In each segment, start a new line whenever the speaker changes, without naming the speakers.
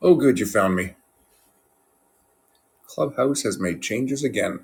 Oh, good, you found me. Clubhouse has made changes again.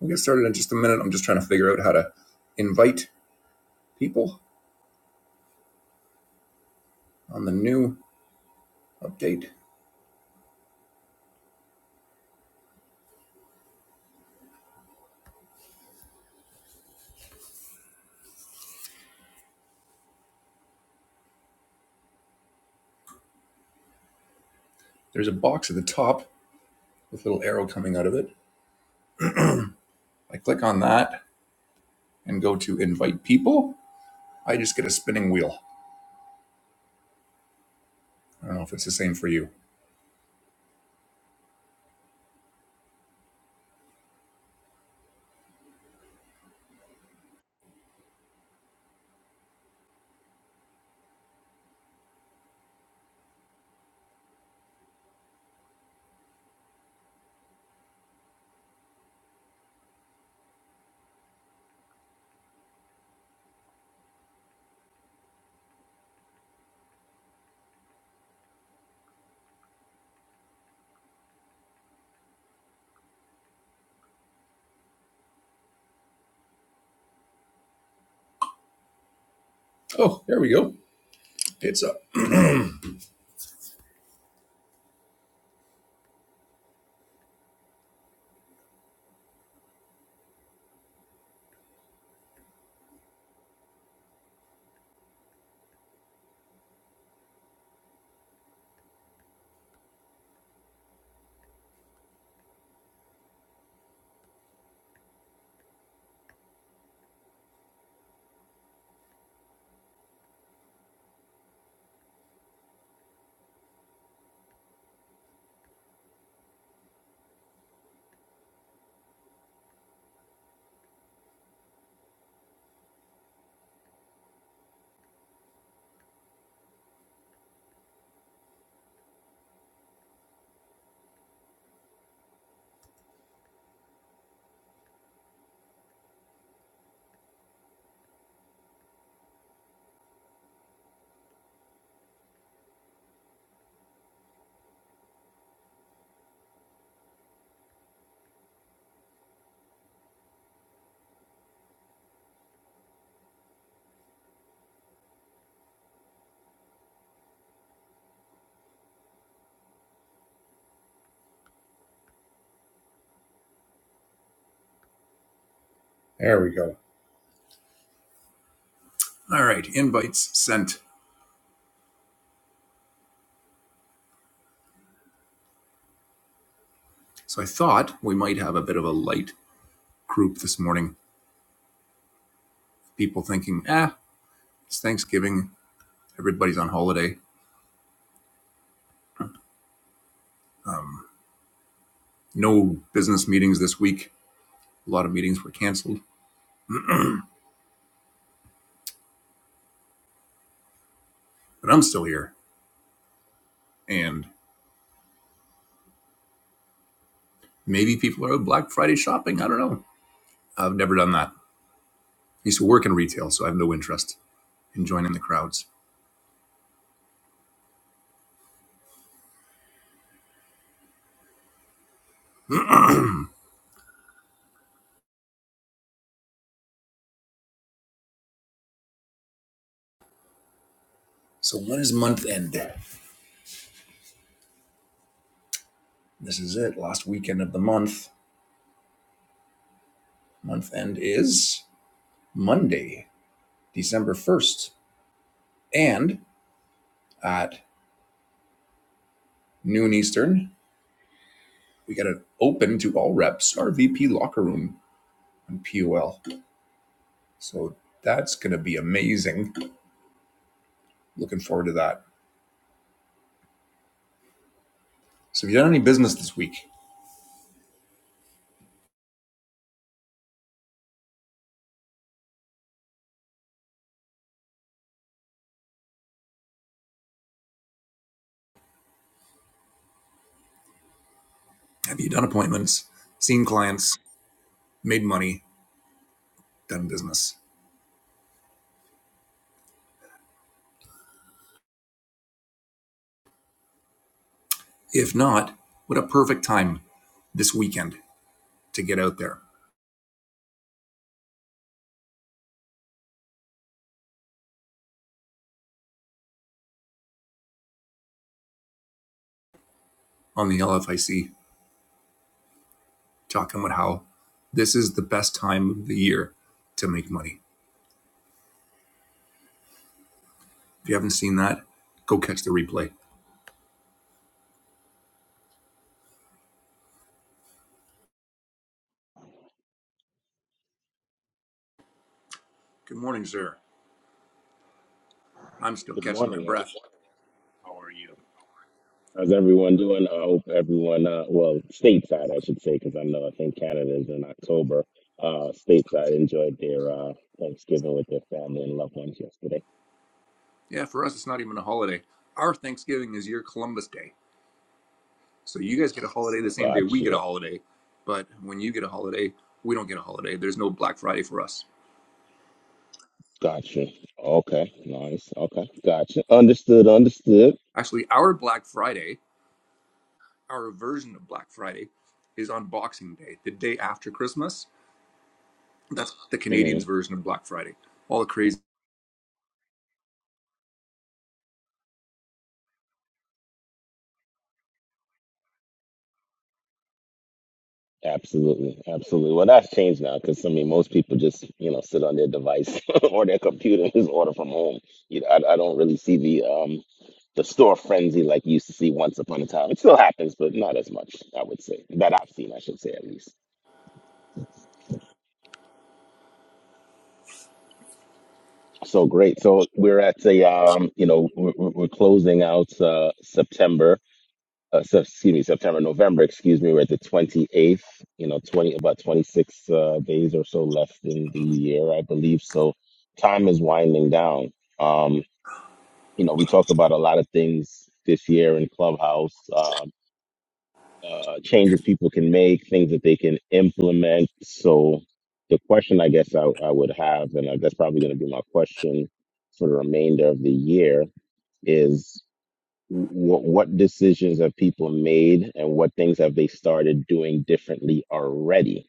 We'll get started in just a minute. I'm just trying to figure out how to invite people on the new update. There's a box at the top with a little arrow coming out of it. I click on that and go to invite people. I just get a spinning wheel. I don't know if it's the same for you. Oh, there we go. It's up. There we go. All right, invites sent. So I thought we might have a bit of a light group this morning. People thinking, ah, it's Thanksgiving, everybody's on holiday no business meetings this week. A lot of meetings were canceled, but I'm still here. And maybe people are Black Friday shopping. I don't know. I've never done that. I used to work in retail, so I have no interest in joining the crowds. So when is month end? This is it. Last weekend of the month. Month end is Monday, December 1st. And at noon Eastern, we got it open to all reps, our VP locker room on POL. So that's going to be amazing. Looking forward to that. So have you done any business this week? Have you done appointments, seen clients, made money, done business? If not, what a perfect time this weekend to get out there on the LFIC talking about how this is the best time of the year to make money. If you haven't seen that, go catch the replay. Good morning, sir. I'm still
Good
catching my
morning.
breath.
How are you? How's everyone doing? I hope everyone, uh, well, stateside, I should say, because I know I think Canada is in October. Uh, stateside enjoyed their uh, Thanksgiving with their family and loved ones yesterday.
Yeah, for us, it's not even a holiday. Our Thanksgiving is your Columbus Day. So you guys get a holiday the same day we get
Gotcha.
a holiday, but when you get a holiday, we don't get a holiday. There's no Black Friday for us.
Gotcha. Okay. Nice. Okay. Gotcha. Understood. Understood.
Actually, our Black Friday, our version of Black Friday, is on Boxing Day, the day after Christmas. That's the
Mm-hmm.
Canadians' version of Black Friday. All the crazy
Absolutely, absolutely. Well, that's changed now because I mean, most people just you know sit on their device or their computer and just order from home. You know, I, I don't really see the um the store frenzy like you used to see once upon a time. It still happens, but not as much, I would say, that I've seen, I should say at least. So great. So we're at a um, you know, we're, we're we're closing out uh September. uh, se- excuse me, September, November, excuse me, we're at the 28th, you know, 20, about 26 uh, days or so left in the year, I believe. So time is winding down. Um, you know, we talked about a lot of things this year in Clubhouse, um, uh, changes people can make, things that they can implement. So the question I guess I, I would have, and uh, that's probably going to be my question for the remainder of the year, is what what decisions have people made and what things have they started doing differently already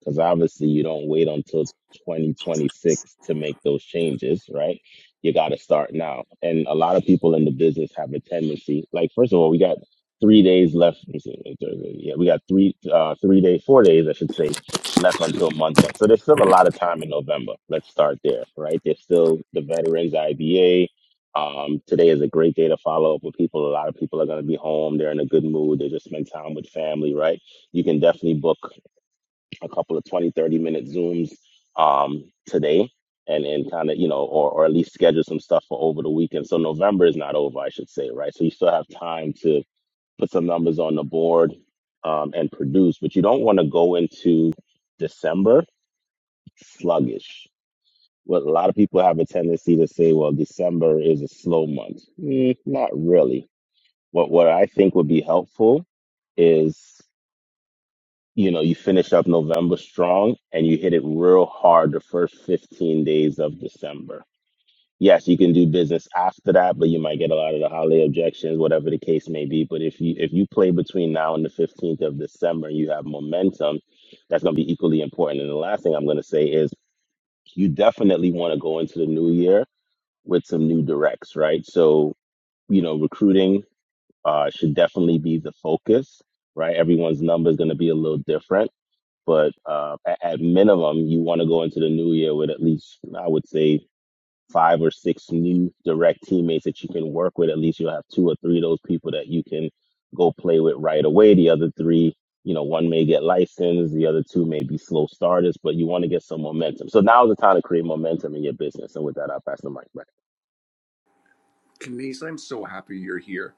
because obviously you don't wait until 2026 to make those changes, right? You got to start now. And a lot of people in the business have a tendency. Like, first of all, we got three days left. let me see, Thursday. Yeah, we got three, uh, three days, four days, I should say, left until month end. So there's still a lot of time in November. Let's start there, right? There's still the veterans IBA. Um, today is a great day to follow up with people. A lot of people are going to be home. They're in a good mood. They just spend time with family, right? You can definitely book a couple of twenty, thirty minute zooms um, today and and kind of you know or, or at least schedule some stuff for over the weekend so november is not over i should say right so you still have time to put some numbers on the board um, and produce but you don't want to go into december sluggish what a lot of people have a tendency to say well december is a slow month Mm, not really what what i think would be helpful is you know, you finish up November strong and you hit it real hard the first 15 days of December. Yes, you can do business after that, but you might get a lot of the holiday objections, whatever the case may be. But if you if you play between now and the 15th of December and you have momentum, that's going to be equally important. And the last thing I'm going to say is you definitely want to go into the new year with some new directs, right? So, you know, recruiting uh, should definitely be the focus, right? Everyone's number is going to be a little different but uh, at, at minimum, you want to go into the new year with at least, I would say, five or six new direct teammates that you can work with. At least you'll have two or three of those people that you can go play with right away. The other three, you know, one may get licensed, the other two may be slow starters, but you want to get some momentum. So now's the time to create momentum in your business. And with that, I'll pass the mic back.
Canadians. I'm so happy you're here.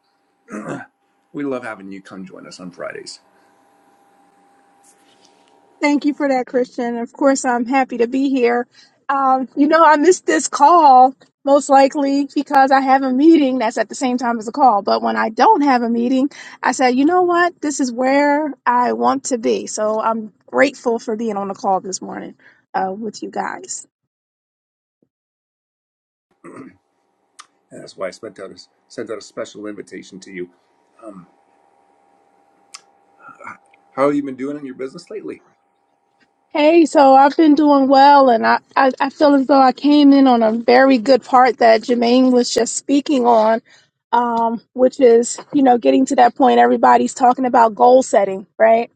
We love having you come join us on Fridays.
Thank you for that, Christian. Of course, I'm happy to be here. Um, you know, I missed this call most likely because I have a meeting that's at the same time as a call. But when I don't have a meeting, I said, you know what? This is where I want to be. So I'm grateful for being on the call this morning uh, with you guys.
And that's why I sent out a, sent out a special invitation to you. How have you been doing in your business lately?
Hey, so I've been doing well, and I, I, I feel as though I came in on a very good part that Jermaine was just speaking on, um, which is, you know, getting to that point, everybody's talking about goal setting, right?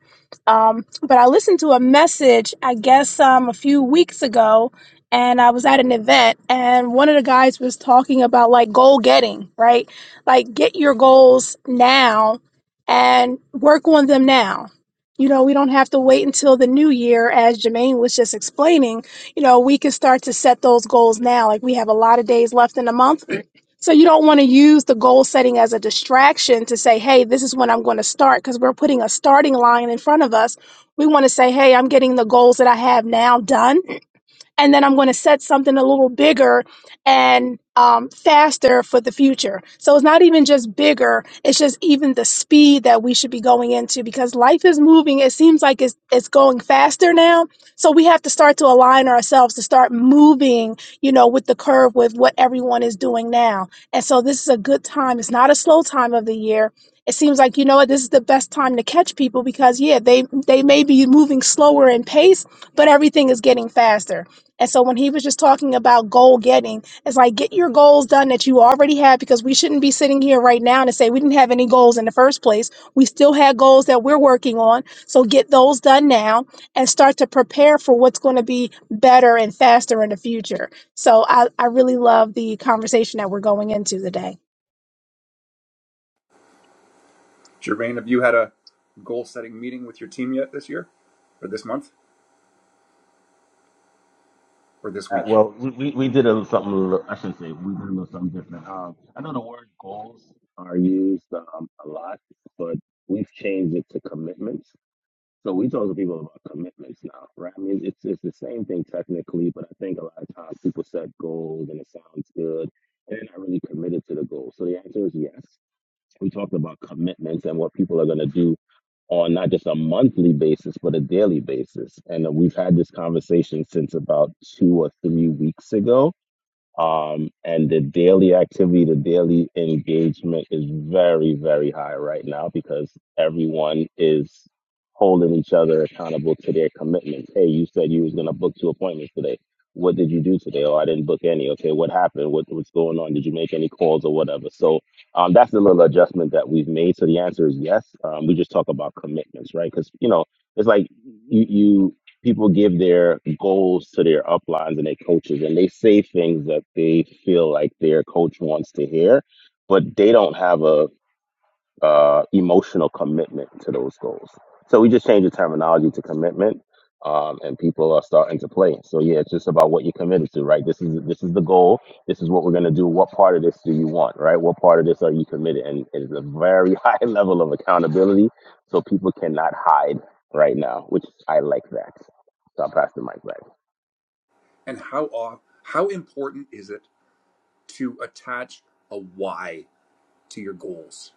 Um, but I listened to a message, I guess, um, a few weeks ago, and I was at an event, and one of the guys was talking about like goal getting, right? Like get your goals now and work on them now. You know, we don't have to wait until the new year, as Jermaine was just explaining. You know, we can start to set those goals now. Like we have a lot of days left in the month so you don't want to use the goal setting as a distraction to say, hey, this is when I'm going to start, because we're putting a starting line in front of us. We want to say, hey, I'm getting the goals that I have now done and then I'm going to set something a little bigger and um, faster for the future. So it's not even just bigger; it's just even the speed that we should be going into because life is moving. It seems like it's it's going faster now, so we have to start to align ourselves to start moving, you know, with the curve with what everyone is doing now. And so this is a good time. It's not a slow time of the year. It seems like you know what this is the best time to catch people because yeah, they they may be moving slower in pace, but everything is getting faster. And so when he was just talking about goal getting, it's like get your goals done that you already have because we shouldn't be sitting here right now and say we didn't have any goals in the first place. We still had goals that we're working on. So get those done now and start to prepare for what's going to be better and faster in the future. So I, I really love the conversation that we're going into today.
Gervain, have you had a goal setting meeting with your team yet this year, or this month, or this
Uh,
week?
well, we, we, we did a something. a little- I should say we did a little something different. Um, I know the word goals are used um, a lot, but we've changed it to commitments. So we talk to people about commitments now, right? I mean, it's it's the same thing technically, but I think a lot of times people set goals and it sounds good, and they're not really committed to the goal. So the answer is yes. We talked about commitments and what people are going to do on not just a monthly basis, but a daily basis. And we've had this conversation since about two or three weeks ago um, and the daily activity, the daily engagement is very, very high right now because everyone is holding each other accountable to their commitments. Hey, you said you was gonna book two appointments today. What did you do today? Oh, I didn't book any. Okay, what happened? What, what's going on? Did you make any calls or whatever? So um, that's the little adjustment that we've made. So the answer is yes. Um, we just talk about commitments, right? Because you know it's like you you people give their goals to their uplines and their coaches and they say things that they feel like their coach wants to hear but they don't have a uh, emotional commitment to those goals. So we just changed the terminology to commitment, um, and people are starting to play. So yeah, it's just about what you're committed to, right? This is this is the goal. This is what we're gonna do. What part of this do you want, right? What part of this are you committed? And it's a very high level of accountability, so people cannot hide right now, which I like that. So I'll pass the mic back.
And how off, how important is it to attach a why to your goals?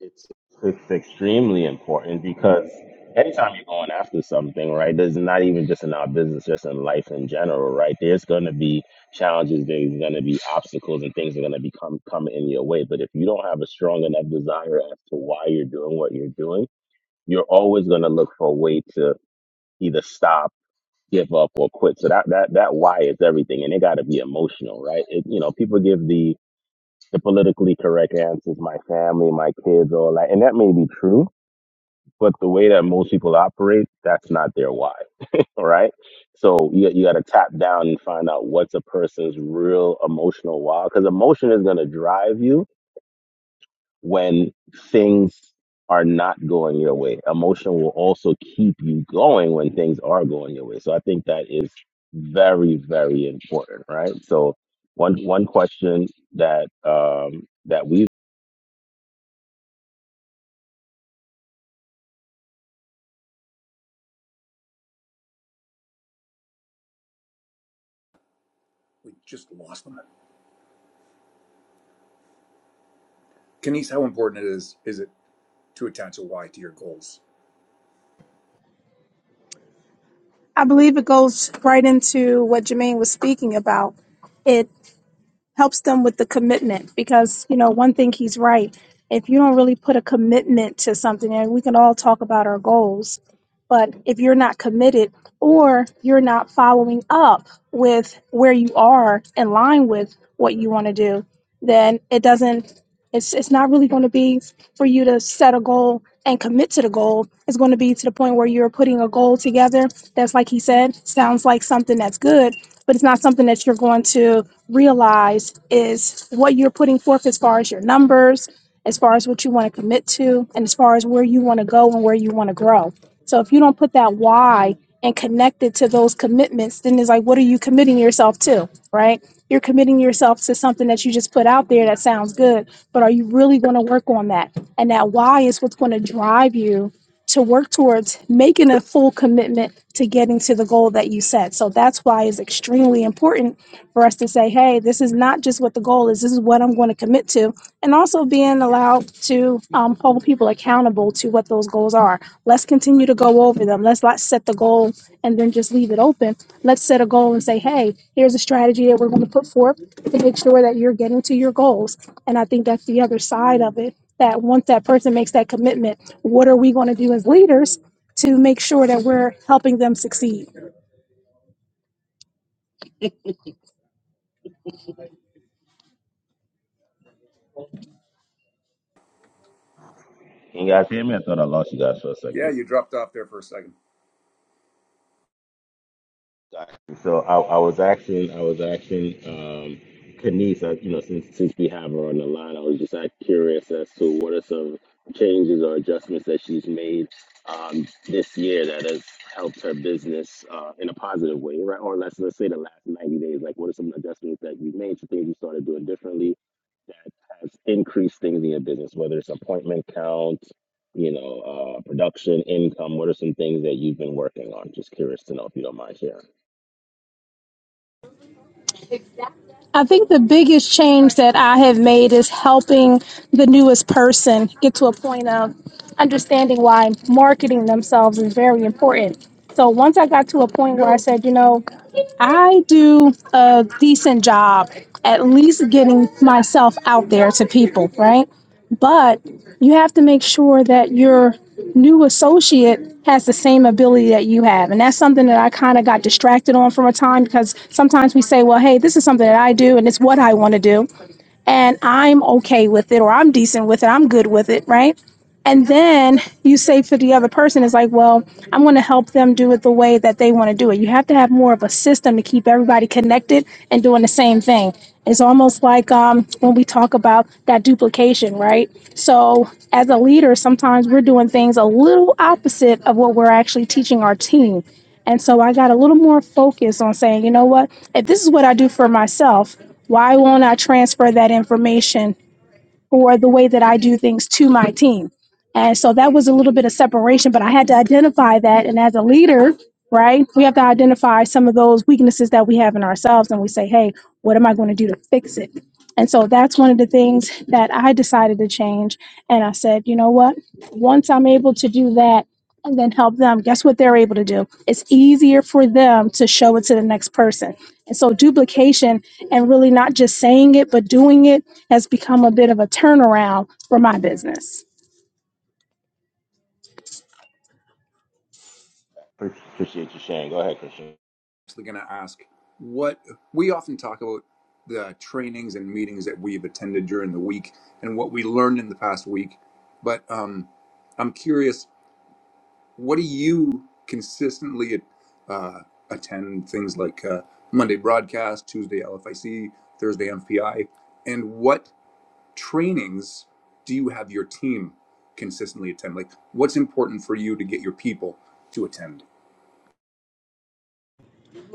It's it's extremely important because anytime you're going after something, right, there's not even just in our business, just in life in general, right? There's going to be challenges, there's going to be obstacles, and things are going to become come coming in your way. But if you don't have a strong enough desire as to why you're doing what you're doing, you're always going to look for a way to either stop, give up, or quit. So that that that why is everything, and it got to be emotional, right? It you know people give the the politically correct answers, my family, my kids, all that, and that may be true but the way that most people operate, that's not their why. All right. So you, you got to tap down and find out what's a person's real emotional why. Because emotion is going to drive you when things are not going your way. Emotion will also keep you going when things are going your way. So I think that is very, very important. Right. So one, one question that, um, that we
We just lost them. Kenise, how important it is is it to attach a why to your goals?
I believe it goes right into what Jermaine was speaking about. It. helps them with the commitment because you know one thing he's right if you don't really put a commitment to something and we can all talk about our goals but if you're not committed or you're not following up with where you are in line with what you want to do then it doesn't it's it's not really going to be for you to set a goal and commit to the goal it's going to be to the point where you're putting a goal together that's like he said sounds like something that's good but it's not something that you're going to realize is what you're putting forth as far as your numbers, as far as what you want to commit to, and as far as where you want to go and where you want to grow. So if you don't put that why and connect it to those commitments, then it's like, what are you committing yourself to, right? You're committing yourself to something that you just put out there that sounds good, but are you really going to work on that? And that why is what's going to drive you to work towards making a full commitment to getting to the goal that you set. So that's why it's extremely important for us to say, hey, this is not just what the goal is, this is what I'm going to commit to. And also being allowed to um, hold people accountable to what those goals are. Let's continue to go over them. Let's not set the goal and then just leave it open. Let's set a goal and say, hey, here's a strategy that we're going to put forth to make sure that you're getting to your goals and I think that's the other side of it that once that person makes that commitment, what are we going to do as leaders to make sure that we're helping them succeed?
can you guys hear me? I thought I lost you guys for a second.
Yeah, you dropped off there for a second.
Exactly. So I, I was asking, I was asking, um, Kenise, uh, you know, since since we have her on the line, I was just uh, curious as to what are some changes or adjustments that she's made um, this year that has helped her business uh, in a positive way, right? Or let's let's say the last ninety days, like what are some adjustments that you made, some things you started doing differently that has increased things in your business, whether it's appointment count, you know, uh, production, income. What are some things that you've been working on? Just curious to know if you don't mind sharing.
I think the biggest change that I have made is helping the newest person get to a point of understanding why marketing themselves is very important. So once I got to a point where I said, you know, I do a decent job at least getting myself out there to people, right? But you have to make sure that you're new associate has the same ability that you have. And that's something that I kind of got distracted on from a time because sometimes we say, well, hey, this is something that I do and it's what I want to do and I'm okay with it or I'm decent with it, I'm good with it, right? And then you say for the other person, it's like, well, I'm going to help them do it the way that they want to do it. You have to have more of a system to keep everybody connected and doing the same thing. It's almost like um, when we talk about that duplication, right? So, as a leader, sometimes we're doing things a little opposite of what we're actually teaching our team and so I got a little more focused on saying, you know what, if this is what I do for myself, why won't I transfer that information for the way that I do things to my team. And so that was a little bit of separation, but I had to identify that. And as a leader, right, we have to identify some of those weaknesses that we have in ourselves and we say, hey, what am I going to do to fix it? And so that's one of the things that I decided to change. And I said, you know what? Once I'm able to do that and then help them, guess what they're able to do? It's easier for them to show it to the next person. And so duplication and really not just saying it, but doing it has become a bit of a turnaround for my business.
Appreciate you, Shane. Go ahead, Christian.
Actually, going to ask what we often talk about the trainings and meetings that we've attended during the week and what we learned in the past week. But um, I'm curious What do you consistently uh, attend things like uh, Monday broadcast, Tuesday LFIC, Thursday MPI, and what trainings do you have your team consistently attend? Like, what's important for you to get your people to attend?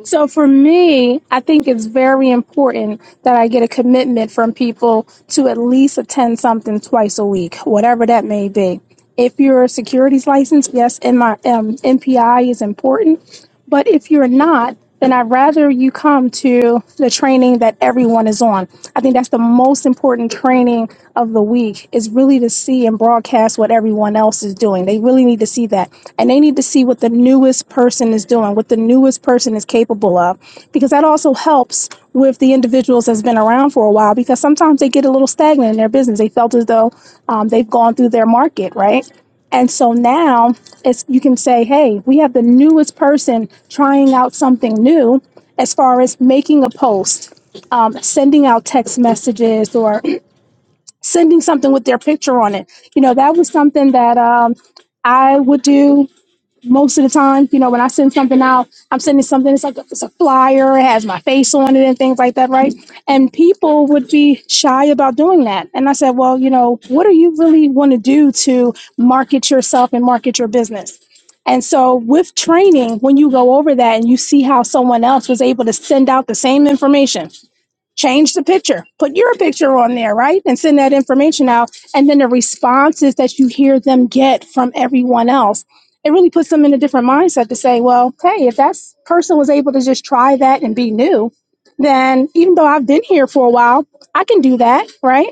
So for me, I think it's very important that I get a commitment from people to at least attend something twice a week, whatever that may be. If you're a securities license, yes, my um, MPI is important, but if you're not, then I'd rather you come to the training that everyone is on. I think that's the most. most important training of the week is really to see and broadcast what everyone else is doing. They really need to see that. And they need to see what the newest person is doing, what the newest person is capable of, because that also helps with the individuals that's been around for a while, because sometimes they get a little stagnant in their business. They felt as though um, they've gone through their market, right? And so now it's you can say, hey, we have the newest person trying out something new as far as making a post um, sending out text messages or sending something with their picture on it. You know, that was something that um, I would do most of the time. You know, when I send something out, I'm sending something. It's like a, it's a flyer. It has my face on it and things like that, right? And people would be shy about doing that. And I said, well, you know, what do you really want to do to market yourself and market your business? And so, with training, when you go over that and you see how someone else was able to send out the same information change the picture put your picture on there right and send that information out and then the responses that you hear them get from everyone else it really puts them in a different mindset to say well hey if that person was able to just try that and be new then even though i've been here for a while i can do that right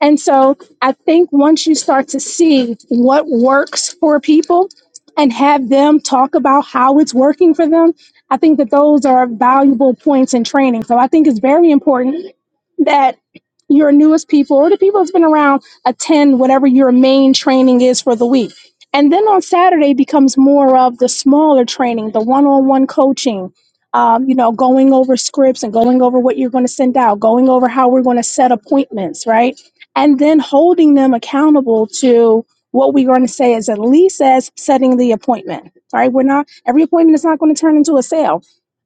and so I think once you start to see what works for people and have them talk about how it's working for them, I think that those are valuable points in training. So I think it's very important that your newest people or the people that's been around attend whatever your main training is for the week. And then on Saturday becomes more of the smaller training, the one on one coaching, um, you know, going over scripts and going over what you're going to send out, going over how we're going to set appointments, right? and then holding them accountable to what we're going to say is at least as setting the appointment, right? We're not, every appointment is not going to turn into a sale.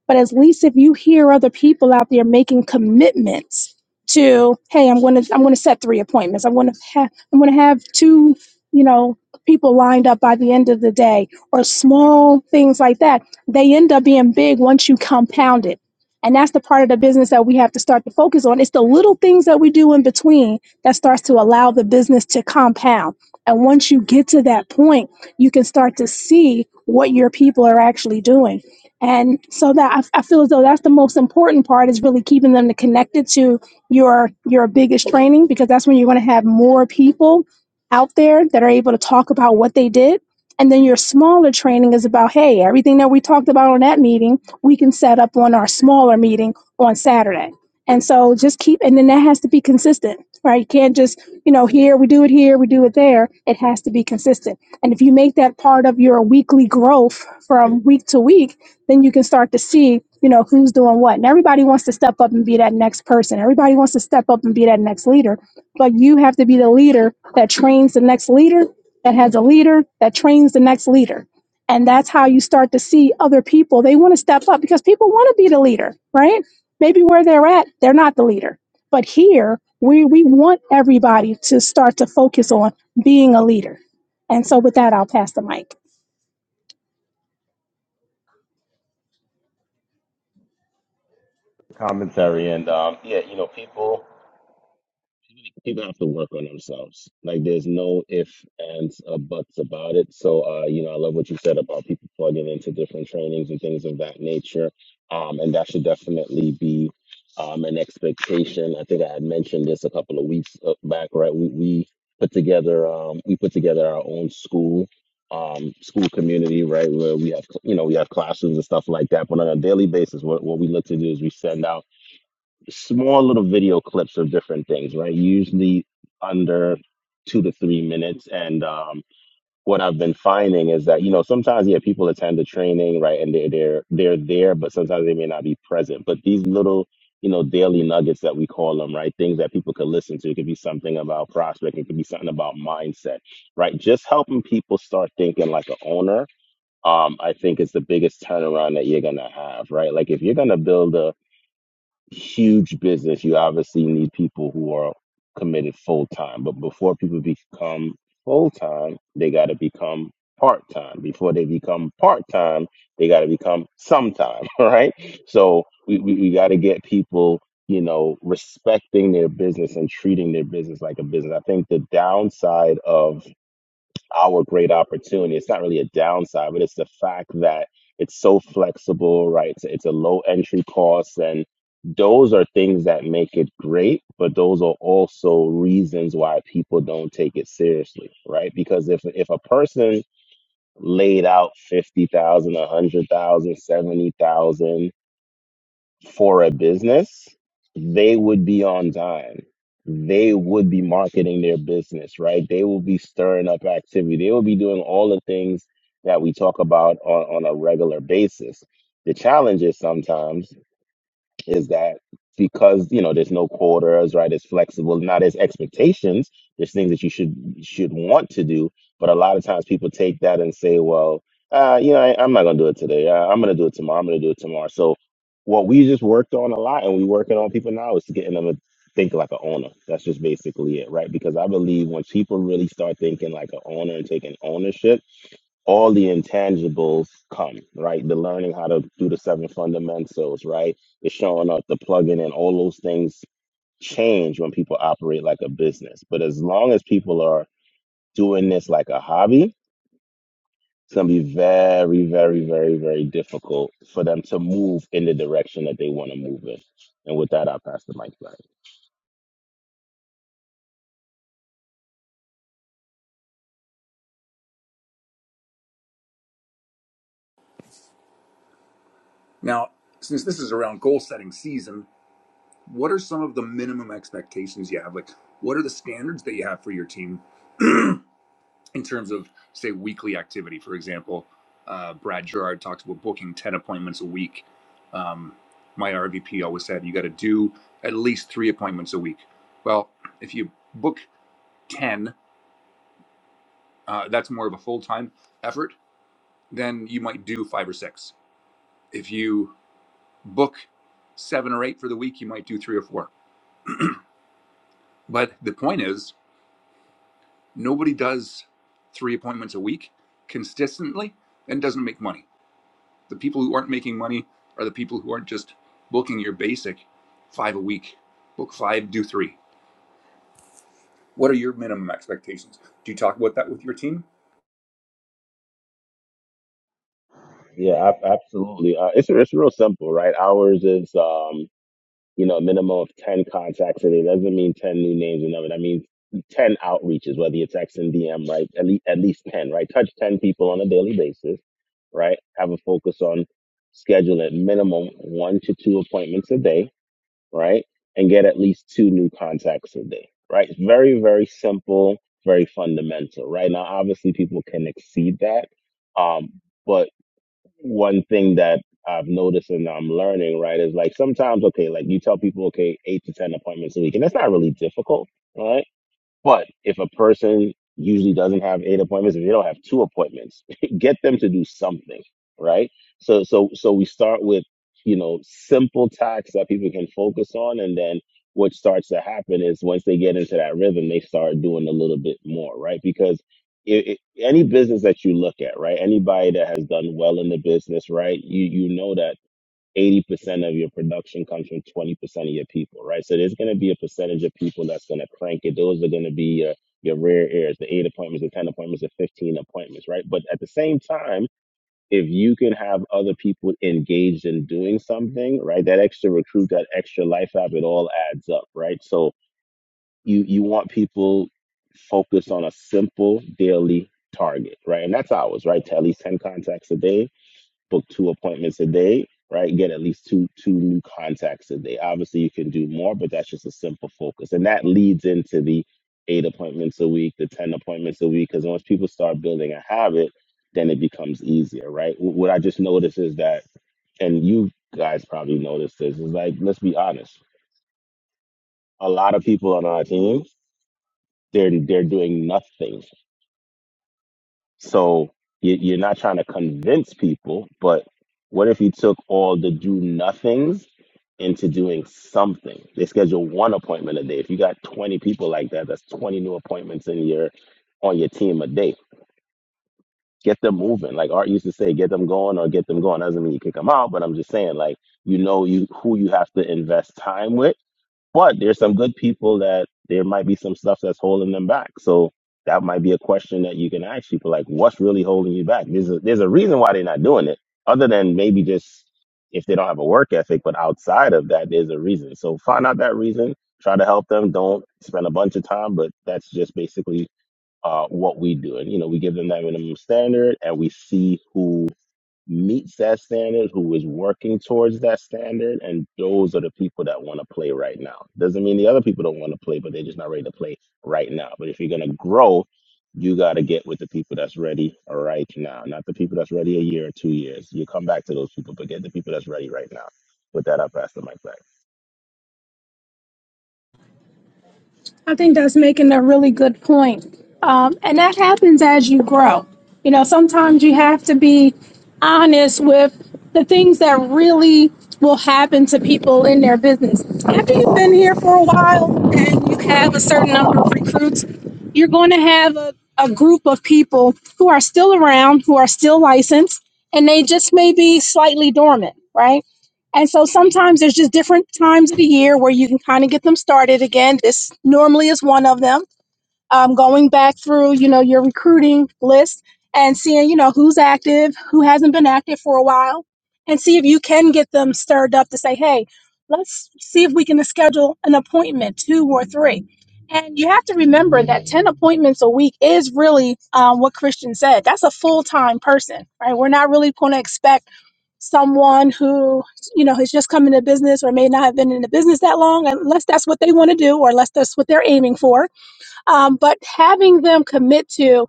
But at least if you hear other people out there making commitments to, hey, I'm going to, I'm going to set three appointments. I'm going to have, I'm going to have two, you know, people lined up by the end of the day or small things like that. They end up being big once you compound it. And that's the part of the business that we have to start to focus on. It's the little things that we do in between that starts to allow the business to compound. And once you get to that point, you can start to see what your people are actually doing. And so that I, I feel as though that's the most important part is really keeping them connected to your your biggest training because that's when you're going to have more people out there that are able to talk about what they did. And then your smaller training is about, hey, everything that we talked about on that meeting, we can set up on our smaller meeting on Saturday. And so just keep, and then that has to be consistent right? You can't just, you know, here, we do it here, we do it there. It has to be consistent. And if you make that part of your weekly growth from week to week, then you can start to see, you know, who's doing what. And everybody wants to step up and be that next person. Everybody wants to step up and be that next leader. But you have to be the leader that trains the next leader, that has a leader, that trains the next leader. And that's how you start to see other people. They want to step up because people want to be the leader, right? Maybe where they're at, they're not the leader but here, we, we want everybody to start to focus on being a leader. And so, with that, I'll pass the mic.
Commentary and um, yeah, you know, people. people have to work on themselves. Like there's no if, ands, or buts about it. So uh, you know, I love what you said about people plugging into different trainings and things of that nature. Um, and that should definitely be um an expectation. I think I had mentioned this a couple of weeks uh, back, right? We we put together um we put together our own school um school community right where we have you know we have classes and stuff like that but on a daily basis what, what we look to do is we send out small little video clips of different things, right? Usually under two to three minutes. And um, what I've been finding is that you know sometimes yeah people attend the training right and they're they're they're there, but sometimes they may not be present. But these little you know daily nuggets that we call them right things that people could listen to it could be something about prospecting. it could be something about mindset right just helping people start thinking like a owner um i think is the biggest turnaround that you're gonna have right like if you're gonna build a huge business, you obviously need people who are committed full time. But before people become full time, they got to become part time. Before they become part time, they got to become sometime. All right. So we, we, we got to get people, you know, respecting their business and treating their business like a business. I think the downside of our great opportunity. It's not really a downside, but it's the fact that it's so flexible, right? It's, it's a low entry cost. And those are things that make it great, but those are also reasons why people don't take it seriously, right? Because if, if a person laid out 50,000, a hundred thousand, seventy thousand for a business, they would be on time. They would be marketing their business, right? They will be stirring up activity. They will be doing all the things that we talk about on, on a regular basis. The challenge is sometimes is that because you know there's no quarters right it's flexible now there's expectations there's things that you should should want to do but a lot of times people take that and say well uh, you know I, i'm not going to do it today uh, i'm going to do it tomorrow i'm going to do it tomorrow so what we just worked on a lot and we working on people now is to getting them to think like an owner that's just basically it right because i believe when people really start thinking like an owner and taking ownership all the intangibles come, right? The learning how to do the seven fundamentals, right? The showing up, the plugging in, all those things change when people operate like a business. But as long as people are doing this like a hobby, it's going to be very, very, very, very difficult for them to move in the direction that they want to move in. And with that, I'll pass the mic back.
Now, since this is around goal setting season, what are some of the minimum expectations you have? Like, what are the standards that you have for your team in terms of say weekly activity for example uh, brad gerard talks about booking 10 appointments a week um, my rvp always said you got to do at least three appointments a week well if you book 10 uh, that's more of a full-time effort then you might do five or six if you book seven or eight for the week you might do three or four but the point is nobody does three appointments a week consistently and doesn't make money The people who aren't making money are the people who aren't just booking your basic five a week. Book five, do three. What are your minimum expectations? Do you talk about that with your team?
Yeah, ab- absolutely. Uh, it's, it's real simple, right? Ours is. Um, you know, a minimum of 10 contacts a day. That doesn't mean 10 new names and number. That means 10 outreaches, whether it's X and DM, right? At least, at least 10, right? Touch 10 people on a daily basis, right? Have a focus on schedule at minimum one to two appointments a day, right? And get at least two new contacts a day, right? It's very, very simple, very fundamental, right? Now, obviously people can exceed that. Um, but one thing that I've noticed and I'm learning, right, is like sometimes, okay, like you tell people, okay, eight to 10 appointments a week, and that's not really difficult, right? But if a person usually doesn't have eight appointments, if they don't have two appointments, get them to do something, right? So so so we start with, you know, simple tasks that people can focus on and then what starts to happen is once they get into that rhythm, they start doing a little bit more, right? Because it, it, any business that you look at, right? Anybody that has done well in the business, right? You you know that 80% of your production comes from 20% of your people, right? So there's going to be a percentage of people that's going to crank it. Those are going to be your, your rare heirs, the eight appointments, the 10 appointments, the 15 appointments, right? But at the same time, if you can have other people engaged in doing something, right? That extra recruit, that extra life app, it all adds up, right? So you, you want people focused on a simple daily target, right? And that's ours, right? To at least 10 contacts a day book two appointments a day, right? Get at least two two new contacts a day. Obviously, you can do more, but that's just a simple focus, and that leads into the eight appointments a week, the ten appointments a week. Because once people start building a habit, then it becomes easier, right? Wh- What I just noticed is that, and you guys probably noticed this, is like let's be honest, a lot of people on our team, they're they're doing nothing So you, you're not trying to convince people, but what if you took all the do nothings into doing something? They schedule one appointment a day. If you got 20 people like that, that's 20 new appointments in your on your team a day. Get them moving. Like Art used to say, get them going or get them going. Doesn't mean you kick them out, but I'm just saying, like, you know, you who you have to invest time with but there's some good people that there might be some stuff that's holding them back. So that might be a question that you can ask people like, what's really holding you back? There's a, there's a reason why they're not doing it, other than maybe just if they don't have a work ethic. But outside of that, there's a reason. So find out that reason, try to help them. Don't spend a bunch of time, but that's just basically uh, what we do. And, you know, we give them that minimum standard and we see who meets that standard, who is working towards that standard, and those are the people that want to play right now. Doesn't mean the other people don't want to play, but they're just not ready to play right now. But if you're gonna grow, you gotta get with the people that's ready right now, not the people that's ready a year or two years. You come back to those people, but get the people that's ready right now. With that, I pass the mic back.
I think that's making a really good point. Um, and that happens as you grow. You know, sometimes you have to be honest with the things that really will happen to people in their business. After you've been here for a while and you have a certain number of recruits, you're going to have a, a group of people who are still around, who are still licensed, and they just may be slightly dormant, right? And so sometimes there's just different times of the year where you can kind of get them started again. This normally is one of them. Um, going back through, you know, your recruiting list and seeing, you know, who's active, who hasn't been active for a while, and see if you can get them stirred up to say, hey, let's see if we can schedule an appointment, two or three. And you have to remember that 10 appointments a week is really um, what Christian said. That's a full time person, right? We're not really going to expect someone who you know has just come into business or may not have been in the business that long unless that's what they want to do or unless that's what they're aiming for um, but having them commit to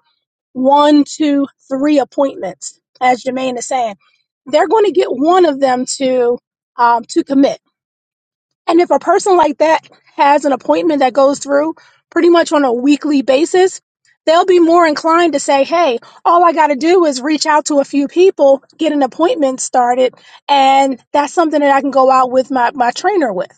one two three appointments as jermaine is saying they're going to get one of them to um, to commit and if a person like that has an appointment that goes through pretty much on a weekly basis, they'll be more inclined to say, Hey, all I got to do is reach out to a few people, get an appointment started. And that's something that I can go out with my, my trainer with.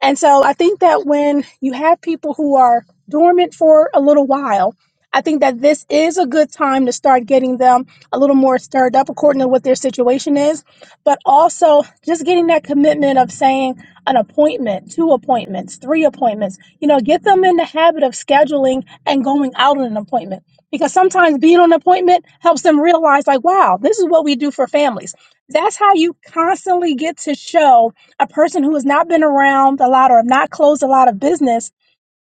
And so I think that when you have people who are dormant for a little while, I think that this is a good time to start getting them a little more stirred up according to what their situation is, but also just getting that commitment of saying, an appointment, two appointments, three appointments. You know, get them in the habit of scheduling and going out on an appointment because sometimes being on an appointment helps them realize, like, wow, this is what we do for families. That's how you constantly get to show a person who has not been around a lot or have not closed a lot of business.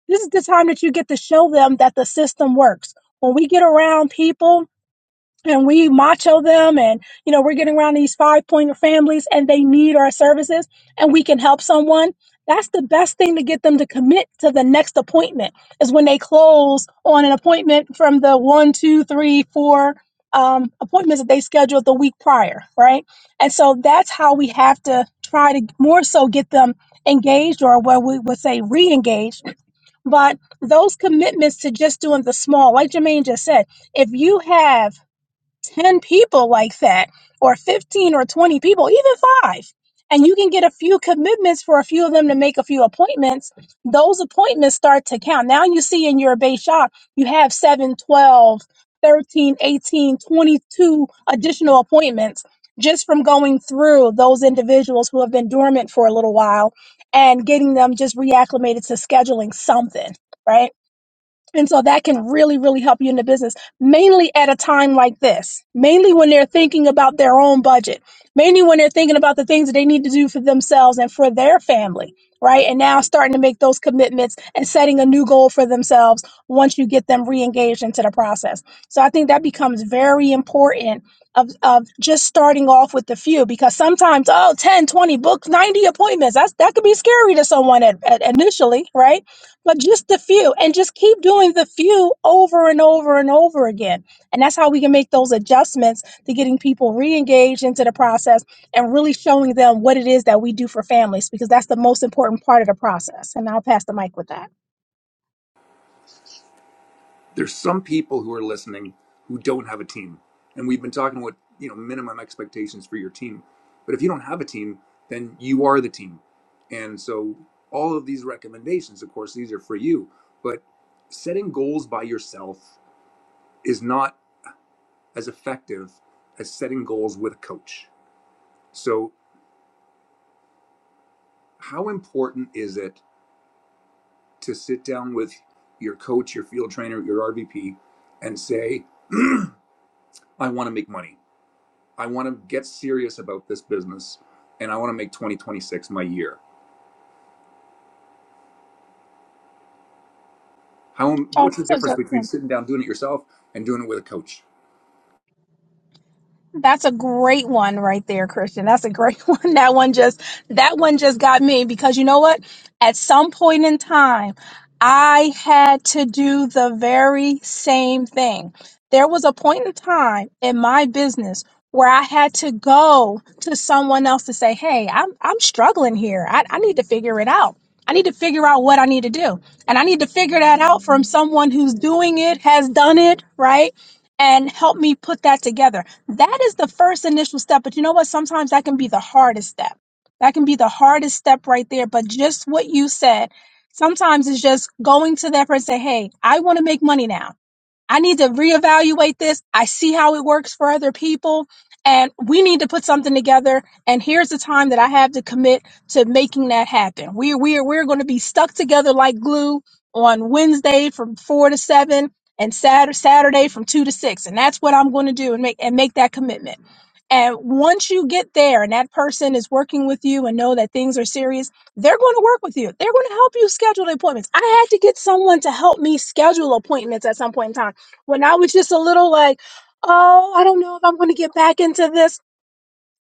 This is the time that you get to show them that the system works. When we get around people, and we macho them and you know we're getting around these five pointer families and they need our services and we can help someone that's the best thing to get them to commit to the next appointment is when they close on an appointment from the one two three four um, appointments that they scheduled the week prior right and so that's how we have to try to more so get them engaged or what we would say re-engaged but those commitments to just doing the small like jermaine just said if you have 10 people like that, or 15 or 20 people, even five, and you can get a few commitments for a few of them to make a few appointments, those appointments start to count. Now you see in your base shop, you have 7, 12, 13, 18, 22 additional appointments just from going through those individuals who have been dormant for a little while and getting them just reacclimated to scheduling something, right? And so that can really, really help you in the business, mainly at a time like this, mainly when they're thinking about their own budget, mainly when they're thinking about the things that they need to do for themselves and for their family, right? And now starting to make those commitments and setting a new goal for themselves once you get them re engaged into the process. So I think that becomes very important of, of just starting off with the few because sometimes, oh, ten, twenty, 10, books, 90 appointments, that's, that could be scary to someone at, at initially, right? but just the few and just keep doing the few over and over and over again and that's how we can make those adjustments to getting people re-engaged into the process and really showing them what it is that we do for families because that's the most important part of the process and i'll pass the mic with that
There's some people who are listening who don't have a team. And we've been talking about, you know, minimum expectations for your team. But if you don't have a team, then you are the team. And so all of these recommendations, of course, these are for you, but setting goals by yourself is not as effective as setting goals with a coach. So how important is it to sit down with your coach, your field trainer, your RVP, and say, I want to make money. I want to get serious about this business and I want to make 2026 my year. How,
oh
what's the
that's a
difference
good
between sitting down, doing it yourself, and doing it with a coach?
That's a great one right there, Christian. That's a great one. That one just that one just got me because you know what? At some point in time, I had to do the very same thing. There was a point in time in my business where I had to go to someone else to say, "Hey, I'm I'm struggling here. I, I need to figure it out. I need to figure out what I need to do, and I need to figure that out from someone who's doing it, has done it, right, and help me put that together." That is the first initial step. But you know what? Sometimes that can be the hardest step. That can be the hardest step right there. But just what you said, sometimes it's just going to that person and say, Hey, I want to make money now. I need to reevaluate this. I see how it works for other people. And we need to put something together. And here's the time that I have to commit to making that happen. we we're we're going to be stuck together like glue on Wednesday from four to seven and Saturday Saturday from two to six. And that's what I'm going to do and make and make that commitment. And once you get there and that person is working with you and know that things are serious, they're going to work with you. They're going to help you schedule the appointments. I had to get someone to help me schedule appointments at some point in time when I was just a little like, oh, I don't know if I'm going to get back into this.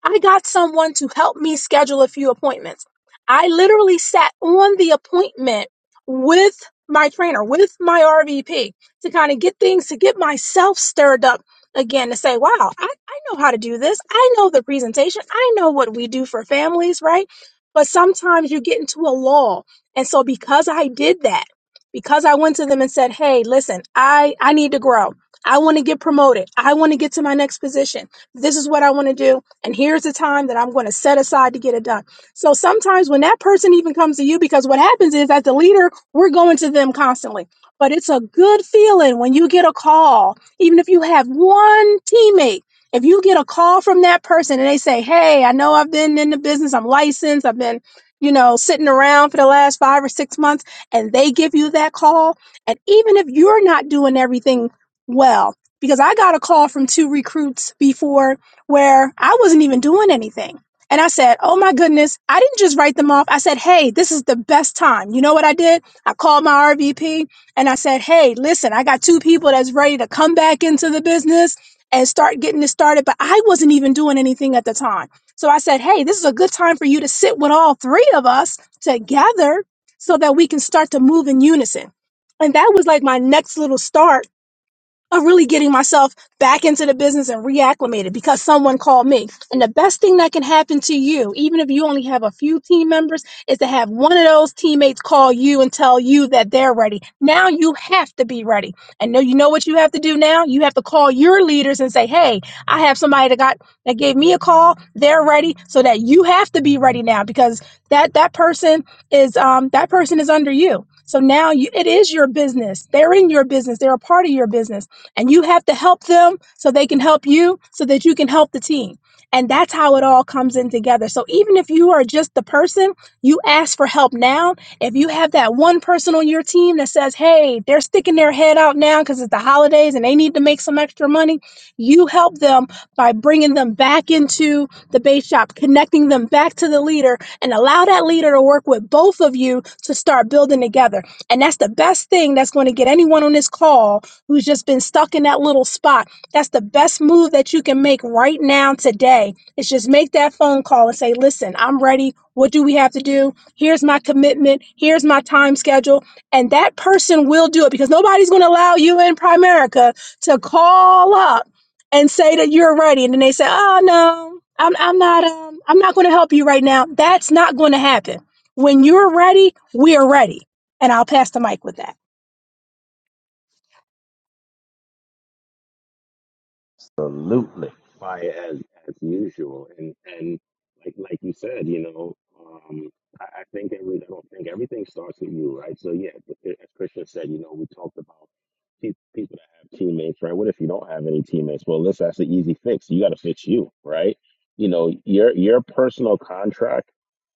I got someone to help me schedule a few appointments. I literally sat on the appointment with my trainer, with my RVP to kind of get things, to get myself stirred up again to say, wow, I, I know how to do this. I know the presentation. I know what we do for families, right? But sometimes you get into a lull. And so because I did that, because I went to them and said, hey, listen, I, I need to grow. I want to get promoted. I want to get to my next position. This is what I want to do and here's the time that I'm going to set aside to get it done. So sometimes when that person even comes to you, because what happens is as the leader, we're going to them constantly. But it's a good feeling when you get a call, even if you have one teammate. If you get a call from that person and they say, Hey, I know I've been in the business, I'm licensed, I've been, you know, sitting around for the last five or six months, and they give you that call. And even if you're not doing everything well, because I got a call from two recruits before where I wasn't even doing anything. And I said, Oh my goodness, I didn't just write them off. I said, Hey, this is the best time. You know what I did? I called my RVP and I said, Hey, listen, I got two people that's ready to come back into the business and start getting it started. But I wasn't even doing anything at the time. So I said, Hey, this is a good time for you to sit with all three of us together so that we can start to move in unison. And that was like my next little start of really getting myself back into the business and reacclimated because someone called me. And the best thing that can happen to you, even if you only have a few team members, is to have one of those teammates call you and tell you that they're ready. Now you have to be ready. And now you know what you have to do now? You have to call your leaders and say, "Hey, I have somebody that got that gave me a call. They're ready." So that you have to be ready now because that that person is um that person is under you. So now you, it is your business. They're in your business. They're a part of your business. And you have to help them so they can help you so that you can help the team. And that's how it all comes in together. So even if you are just the person, you ask for help now. If you have that one person on your team that says, hey, they're sticking their head out now because it's the holidays and they need to make some extra money, you help them by bringing them back into the base shop, connecting them back to the leader, and allow that leader to work with both of you to start building together. And that's the best thing that's going to get anyone on this call who's just been stuck in that little spot. That's the best move that you can make right now today. Is just make that phone call and say, "Listen, I'm ready. What do we have to do? Here's my commitment. Here's my time schedule." And that person will do it because nobody's going to allow you in Primerica to call up and say that you're ready, and then they say, "Oh no, I'm I'm not um I'm not going to help you right now." That's not going to happen. When you're ready, we are ready. And I'll pass the mic with that.
Absolutely. fire as as usual. And and like like you said, you know, um, I, I think every I don't think everything starts with you, right? So yeah, th- as Christian said, you know, we talked about pe- people that have teammates, right? What if you don't have any teammates? Well, listen, that's the easy fix. You got to fix you, right? You know, your your personal contract.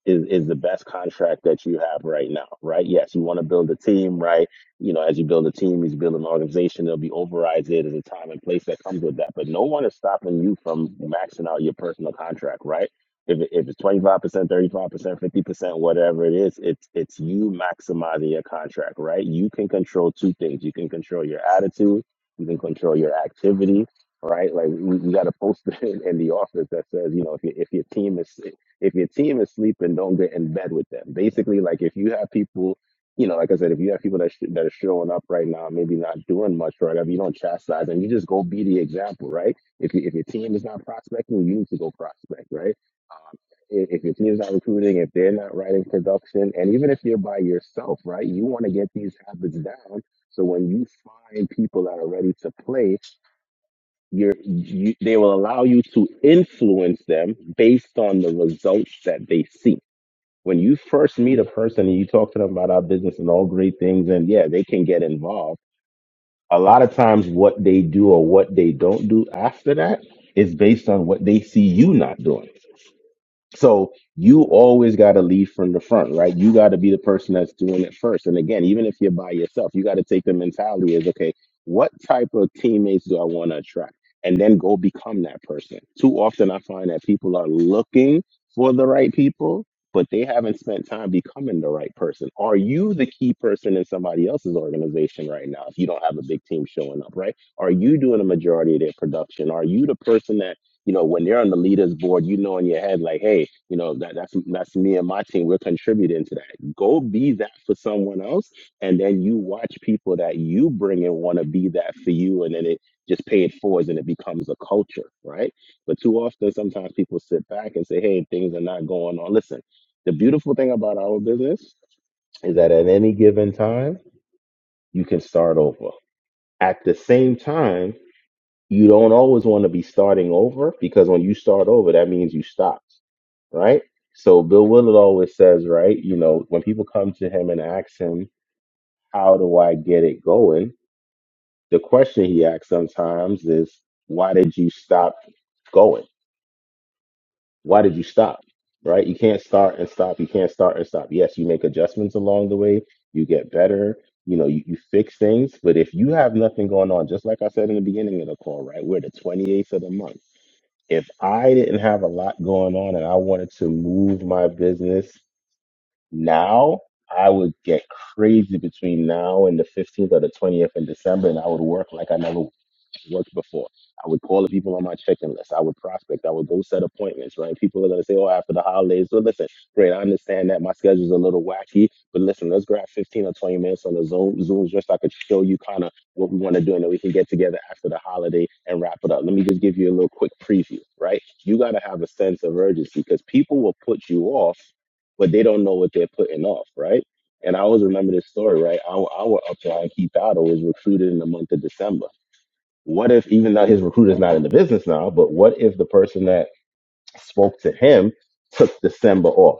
Is, is the best contract that you have right now, right? Yes, you want to build a team, right? You know, as you build a team, as you build an organization, there'll be overrides there. There's a time and place that comes with that. But no one is stopping you from maxing out your personal contract, right? If, it- if it's 25%, 35%, 50%, whatever it is, it's it's you maximizing your contract, right? You can control two things. You can control your attitude, you can control your activity, right? Like we, we got a poster in, in the office that says, you know, if your if your team is if your team is sleeping, don't get in bed with them. Basically, like if you have people you know, like I said, if you have people that sh- that are showing up right now, maybe not doing much right, whatever, you don't chastise them. You just go be the example, right? If you, if your team is not prospecting, you need to go prospect, right? If, if your team is not recruiting, if they're not writing production, and even if you're by yourself, right, you want to get these habits down. So when you find people that are ready to play, you're, you they will allow you to influence them based on the results that they see when you first meet a person and you talk to them about our business and all great things, and yeah, they can get involved. A lot of times, what they do or what they don't do after that is based on what they see you not doing. So you always got to lead from the front, right? You got to be the person that's doing it first. And again, even if you're by yourself, you got to take the mentality is okay, what type of teammates do I want to attract? And then go become that person. Too often I find that people are looking for the right people, but they haven't spent time becoming the right person. Are you the key person in somebody else's organization right now if you don't have a big team showing up, right? Are you doing a majority of their production? Are you the person that you know, when they're on the leaders board, you know in your head, like, hey, you know, that, that's that's me and my team. We're contributing to that. Go be that for someone else, and then you watch people that you bring in want to be that for you, and then it just pay it forwards, and it becomes a culture, right? But too often, sometimes people sit back and say, hey, things are not going on. Listen, the beautiful thing about our business is that at any given time, you can start over. At the same time you don't always want to be starting over because when you start over, that means you stopped, right? So Bill Willard always says, right, you know, when people come to him and ask him, how do I get it going? The question he asks sometimes is, why did you stop going? Why did you stop? Right? You can't start and stop. You can't start and stop. Yes, you make adjustments along the way. You get better. You know, you, you fix things. But if you have nothing going on, just like I said in the beginning of the call, right? We're the 28th of the month if I didn't have a lot going on and I wanted to move my business now, I would get crazy between now and the 15th or the 20th in December and I would work like I never worked before. I would call the people on my checking list. I would prospect. I would go set appointments, right? People are going to say, oh, after the holidays. So listen, great. I understand that my schedule's a little wacky, but listen, let's grab 15 or 20 minutes on the Zoom, Zoom just so I could show you kind of what we want to do and then we can get together after the holiday and wrap it up. Let me just give you a little quick preview, right? You got to have a sense of urgency because people will put you off, but they don't know what they're putting off, right? And I always remember this story, right? Our, our upline, Keith Otto, was recruited in the month of December. What if even though his recruiter's not in the business now, but what if the person that spoke to him took December off?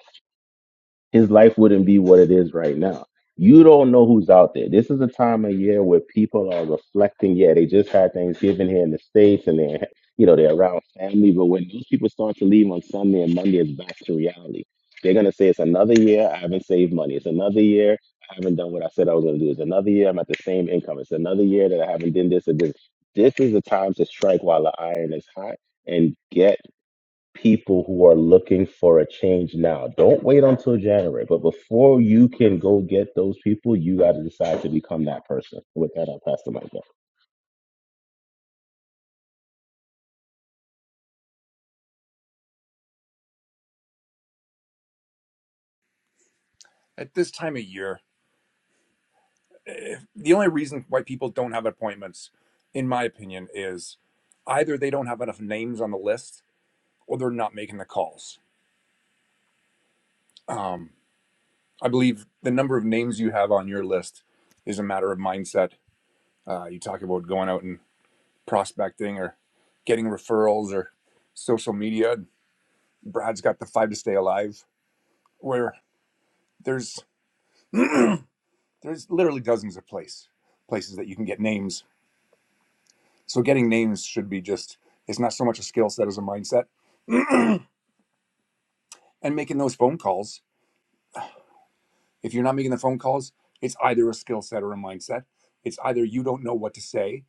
his life wouldn't be what it is right now. You don't know who's out there. This is a time of year where people are reflecting. Yeah, they just had Thanksgiving here in the States and they're, you know, they're around family. But when those people start to leave on Sunday and Monday, it's back to reality. They're going to say, it's another year I haven't saved money. It's another year I haven't done what I said I was going to do. It's another year I'm at the same income. It's another year that I haven't done this or this. This is the time to strike while the iron is hot and get people who are looking for a change now. Don't wait until January, but before you can go get those people, you got to decide to become that person. With that, I'll pass the mic back.
At this time of year, the only reason why people don't have appointments, in my opinion, is either they don't have enough names on the list or they're not making the calls. Um, I believe the number of names you have on your list is a matter of mindset. Uh, you talk about going out and prospecting or getting referrals or social media. Brad's got the five to stay alive, where there's there's literally dozens of place places that you can get names. So getting names should be just it's not so much a skill set as a mindset. And making those phone calls. If you're not making the phone calls, it's either a skill set or a mindset. It's either you don't know what to say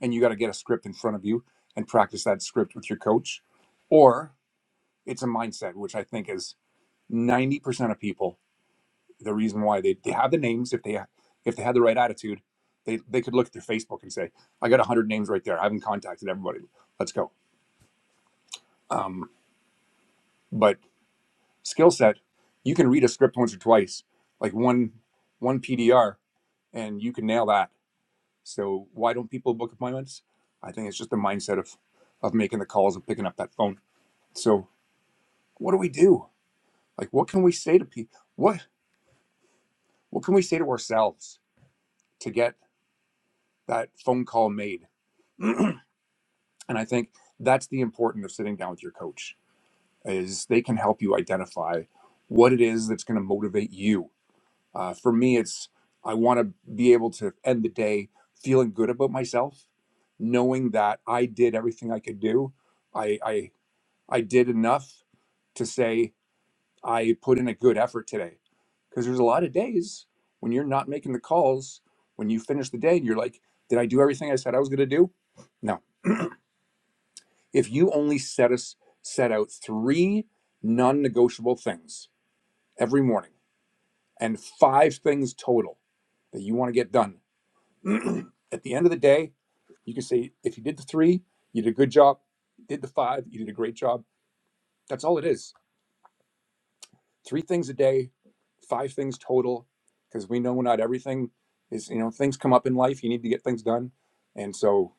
and you got to get a script in front of you and practice that script with your coach or it's a mindset which i think is 90% of people the reason why they, they have the names if they if they had the right attitude they, they could look at their facebook and say i got 100 names right there i haven't contacted everybody let's go um, but skill set you can read a script once or twice like one one pdr and you can nail that so why don't people book appointments i think it's just the mindset of of making the calls and picking up that phone so what do we do? Like, what can we say to people? What what can we say to ourselves to get that phone call made? and I think that's the importance of sitting down with your coach is they can help you identify what it is that's going to motivate you. Uh, for me, it's I want to be able to end the day feeling good about myself, knowing that I did everything I could do. I I, I did enough to say I put in a good effort today. Because there's a lot of days when you're not making the calls, when you finish the day and you're like, did I do everything I said I was going to do? No. If you only set us set out 3 non-negotiable things every morning and 5 things total that you want to get done. At the end of the day, you can say if you did the 3, you did a good job. Did the 5, you did a great job. That's all it is three things a day, five things total, because we know not everything is, you know, things come up in life. You need to get things done. And so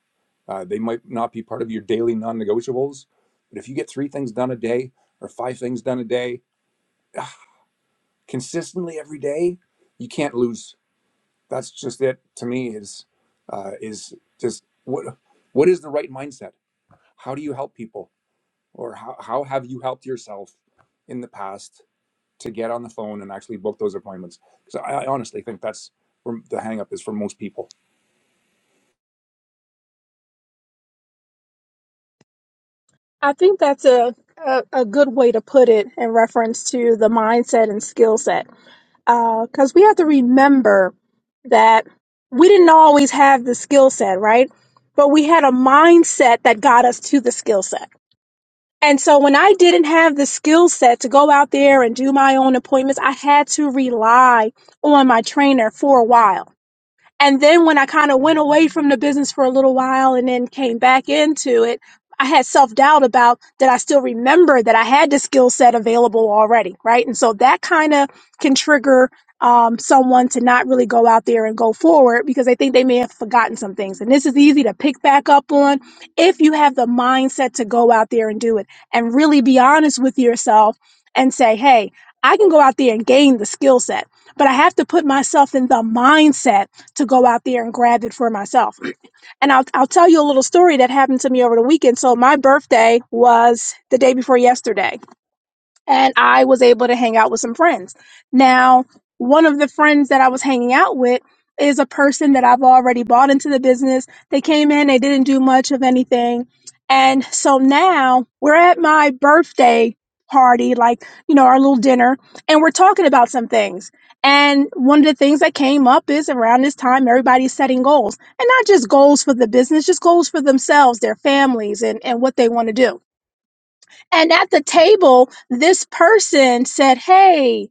uh, they might not be part of your daily non negotiables. But if you get three things done a day or five things done a day ah, consistently every day, you can't lose. That's just it to me is, uh, is just what, what is the right mindset? How do you help people? Or how, how have you helped yourself in the past? to get on the phone and actually book those appointments. Because I, I honestly think that's where the hang up is for most people.
I think that's a, a, a good way to put it in reference to the mindset and skill set. Because we have to remember that we didn't always have the skill set, right? But we had a mindset that got us to the skill set. And so when I didn't have the skill set to go out there and do my own appointments, I had to rely on my trainer for a while. And then when I kind of went away from the business for a little while and then came back into it, I had self doubt about that I still remember that I had the skill set available already, right? And so that kind of can trigger um, someone to not really go out there and go forward because they think they may have forgotten some things. And this is easy to pick back up on if you have the mindset to go out there and do it and really be honest with yourself and say, hey, I can go out there and gain the skill set, but I have to put myself in the mindset to go out there and grab it for myself. And I'll I'll tell you a little story that happened to me over the weekend. So my birthday was the day before yesterday and I was able to hang out with some friends. Now, one of the friends that I was hanging out with is a person that I've already bought into the business. They came in, they didn't do much of anything. And so now we're at my birthday party, like, you know, our little dinner, and we're talking about some things. And one of the things that came up is around this time, everybody's setting goals and not just goals for the business, just goals for themselves, their families, and, and what they want to do. And at the table, this person said, Hey,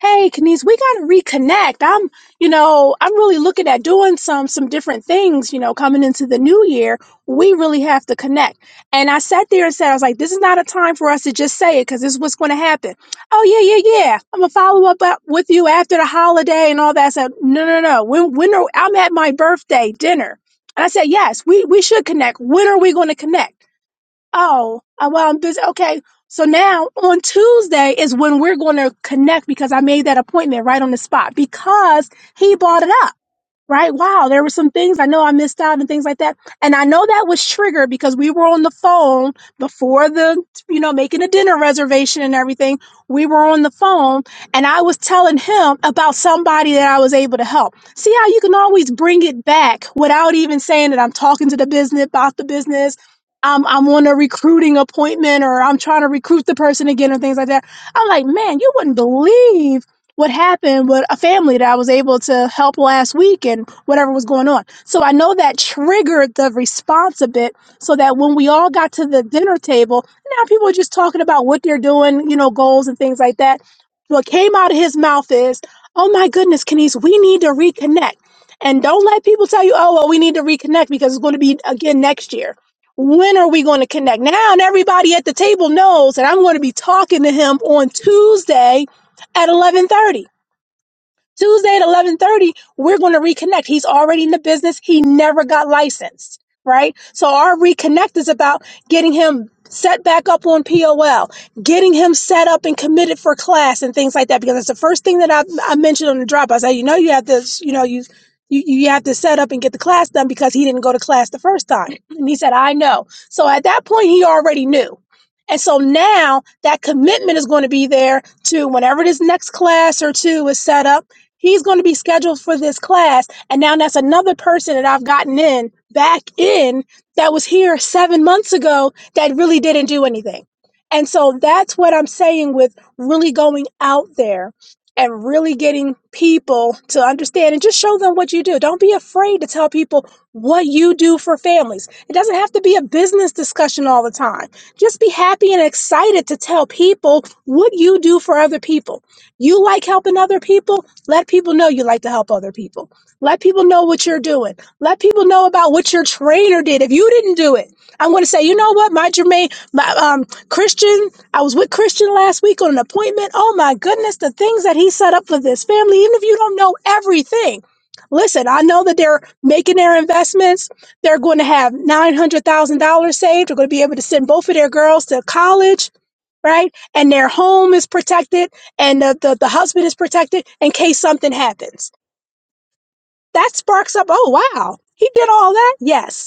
hey, Kenise, we gotta reconnect. I'm, you know, I'm really looking at doing some some different things, you know, coming into the new year. We really have to connect. And I sat there and said, I was like, this is not a time for us to just say it because this is what's gonna happen. Oh yeah, yeah, yeah. I'm gonna follow up up with you after the holiday and all that. I said, no, no, no. When when are I'm at my birthday dinner. And I said, yes, we we should connect. When are we gonna connect? Oh, uh, well, I'm busy. Okay. So now on Tuesday is when we're going to connect because I made that appointment right on the spot because he brought it up right? Wow, there were some things I know I missed out and things like that. And I know that was triggered because we were on the phone before the, you know, making a dinner reservation and everything. We were on the phone and I was telling him about somebody that I was able to help. See how you can always bring it back without even saying that I'm talking to the business about the business. I'm, I'm on a recruiting appointment or I'm trying to recruit the person again or things like that. I'm like, man, you wouldn't believe what happened with a family that I was able to help last week and whatever was going on. So I know that triggered the response a bit so that when we all got to the dinner table, now people are just talking about what they're doing, you know, goals and things like that. What came out of his mouth is, oh my goodness, Kenise, we need to reconnect. And don't let people tell you, oh, well, we need to reconnect because it's going to be again next year. When are we going to connect? Now, and everybody at the table knows that I'm going to be talking to him on Tuesday at 11:30 Tuesday at 11:30, we're going to reconnect. He's already in the business. He never got licensed, right? So our reconnect is about getting him set back up on POL, getting him set up and committed for class and things like that. Because it's the first thing that I, I mentioned on the drop. I said, you know, you have to, you know, you, you you have to set up and get the class done because he didn't go to class the first time. And he said, I know. So at that point, he already knew. And so now that commitment is going to be there to whenever this next class or two is set up He's going to be scheduled for this class. And now that's another person that I've gotten in back in that was here seven months ago that really didn't do anything. And so that's what I'm saying with really going out there and really getting people to understand and just show them what you do. Don't be afraid to tell people what you do for families. It doesn't have to be a business discussion all the time. Just be happy and excited to tell people what you do for other people. You like helping other people. Let people know you like to help other people. Let people know what you're doing. Let people know about what your trainer did. If you didn't do it, I'm going to say, you know what, my Jermaine, my um, Christian, I was with Christian last week on an appointment. Oh my goodness, the things that he set up for this family, even if you don't know everything. Listen, I know that they're making their investments. They're going to have $900,000 saved. They're going to be able to send both of their girls to college right? And their home is protected and the, the, the husband is protected in case something happens. That sparks up, oh, wow, he did all that? Yes.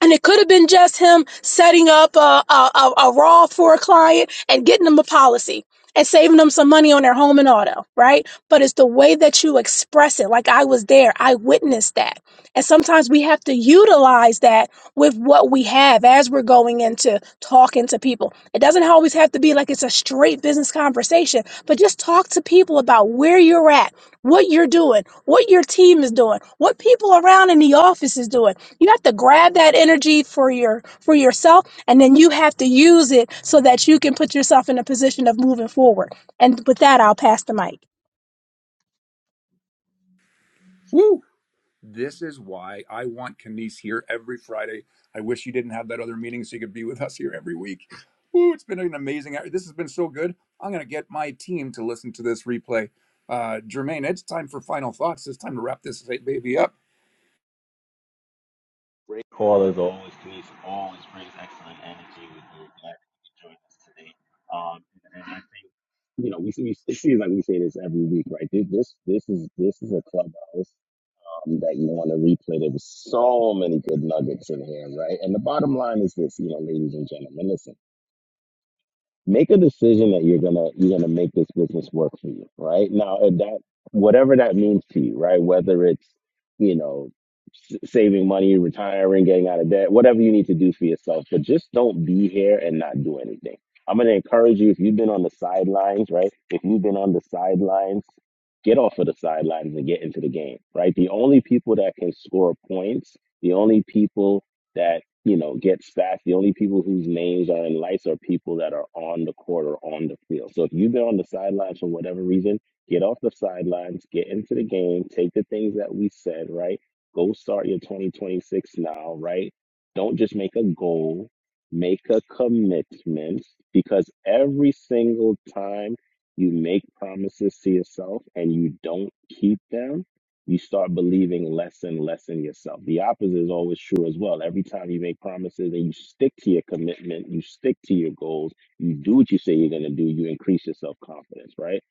And it could have been just him setting up a, a, a, a raw for a client and getting them a policy and saving them some money on their home and auto, right? But it's the way that you express it. Like I was there, I witnessed that. And sometimes we have to utilize that with what we have as we're going into talking to people. It doesn't always have to be like it's a straight business conversation, but just talk to people about where you're at, what you're doing, what your team is doing, what people around in the office is doing you have to grab that energy for your for yourself and then you have to use it so that you can put yourself in a position of moving forward and with that i'll pass the mic
Woo! This is why I want Kenise here every Friday. I wish you didn't have that other meeting so you could be with us here every week. Woo! It's been an amazing hour. This has been so good. I'm going to get my team to listen to this replay. Uh, Jermaine, it's time for final thoughts. It's time to wrap this baby up.
Great call as always, Denise. Always brings excellent energy. with you. glad you joined us today. Um, and I think you know we, we it seems like we say this every week, right? This this this is this is a clubhouse um, that you want to replay. There was so many good nuggets in here, right? And the bottom line is this, you know, ladies and gentlemen, listen. make a decision that you're gonna you're gonna make this business work for you right now if that whatever that means to you right whether it's you know s- saving money retiring getting out of debt whatever you need to do for yourself but just don't be here and not do anything i'm gonna encourage you if you've been on the sidelines right if you've been on the sidelines get off of the sidelines and get into the game right the only people that can score points the only people that you know, get sacked. The only people whose names are in lights are people that are on the court or on the field. So if you've been on the sidelines for whatever reason, get off the sidelines, get into the game, take the things that we said, right? Go start your 2026 now, right? Don't just make a goal, make a commitment because every single time you make promises to yourself and you don't keep them, you start believing less and less in yourself. The opposite is always true as well. Every time you make promises and you stick to your commitment, you stick to your goals, you do what you say you're going to do, you increase your self confidence, right?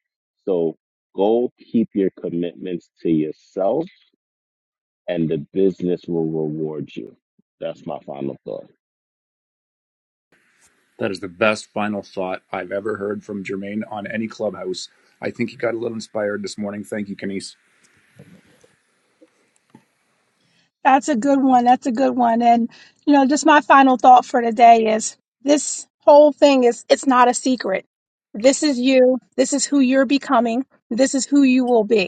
So go keep your commitments to yourself, and the business will reward you. That's my final thought.
That is the best final thought I've ever heard from Jermaine on any clubhouse. I think he got a little inspired this morning. Thank you, Kenise.
that's a good one that's a good one and you know just my final thought for today is this whole thing is it's not a secret this is you this is who you're becoming this is who you will be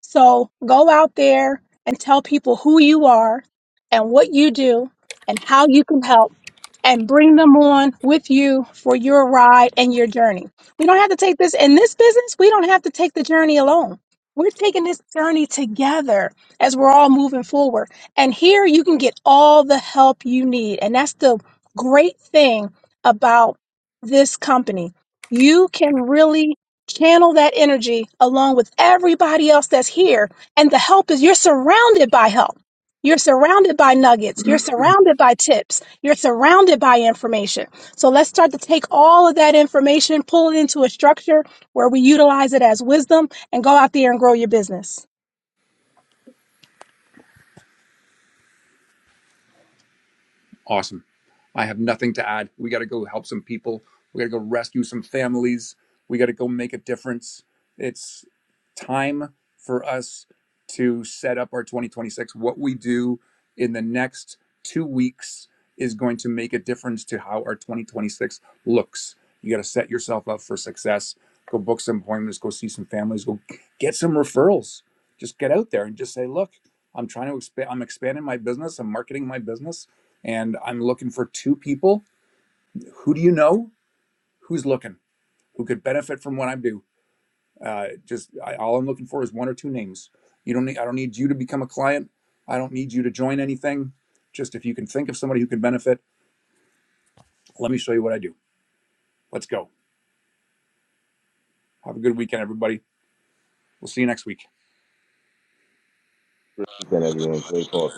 So go out there and tell people who you are and what you do and how you can help and bring them on with you for your ride and your journey. We don't have to take this in this business, we don't have to take the journey alone. We're taking this journey together as we're all moving forward. And here you can get all the help you need. And that's the great thing about this company. You can really Channel that energy along with everybody else that's here. And the help is you're surrounded by help. You're surrounded by nuggets. You're surrounded by tips. You're surrounded by information. So let's start to take all of that information, pull it into a structure where we utilize it as wisdom and go out there and grow your business.
Awesome. I have nothing to add. We got to go help some people. We got to go rescue some families. We got to go make a difference. It's time for us to set up our 2026. What we do in the next two weeks is going to make a difference to how our 2026 looks. You got to set yourself up for success. Go book some appointments, go see some families, go get some referrals. Just get out there and just say, look, I'm trying to expand, I'm expanding my business, I'm marketing my business and I'm looking for two people. Who do you know? Who's looking? Who could benefit from what I do? Uh, just I, all I'm looking for is one or two names. You don't need. I don't need you to become a client. I don't need you to join anything. Just if you can think of somebody who can benefit, let me show you what I do. Let's go. Have a good weekend, everybody. We'll see you next week.
Is that everyone? Great call.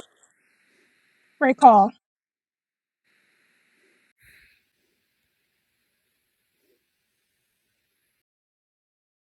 Great call.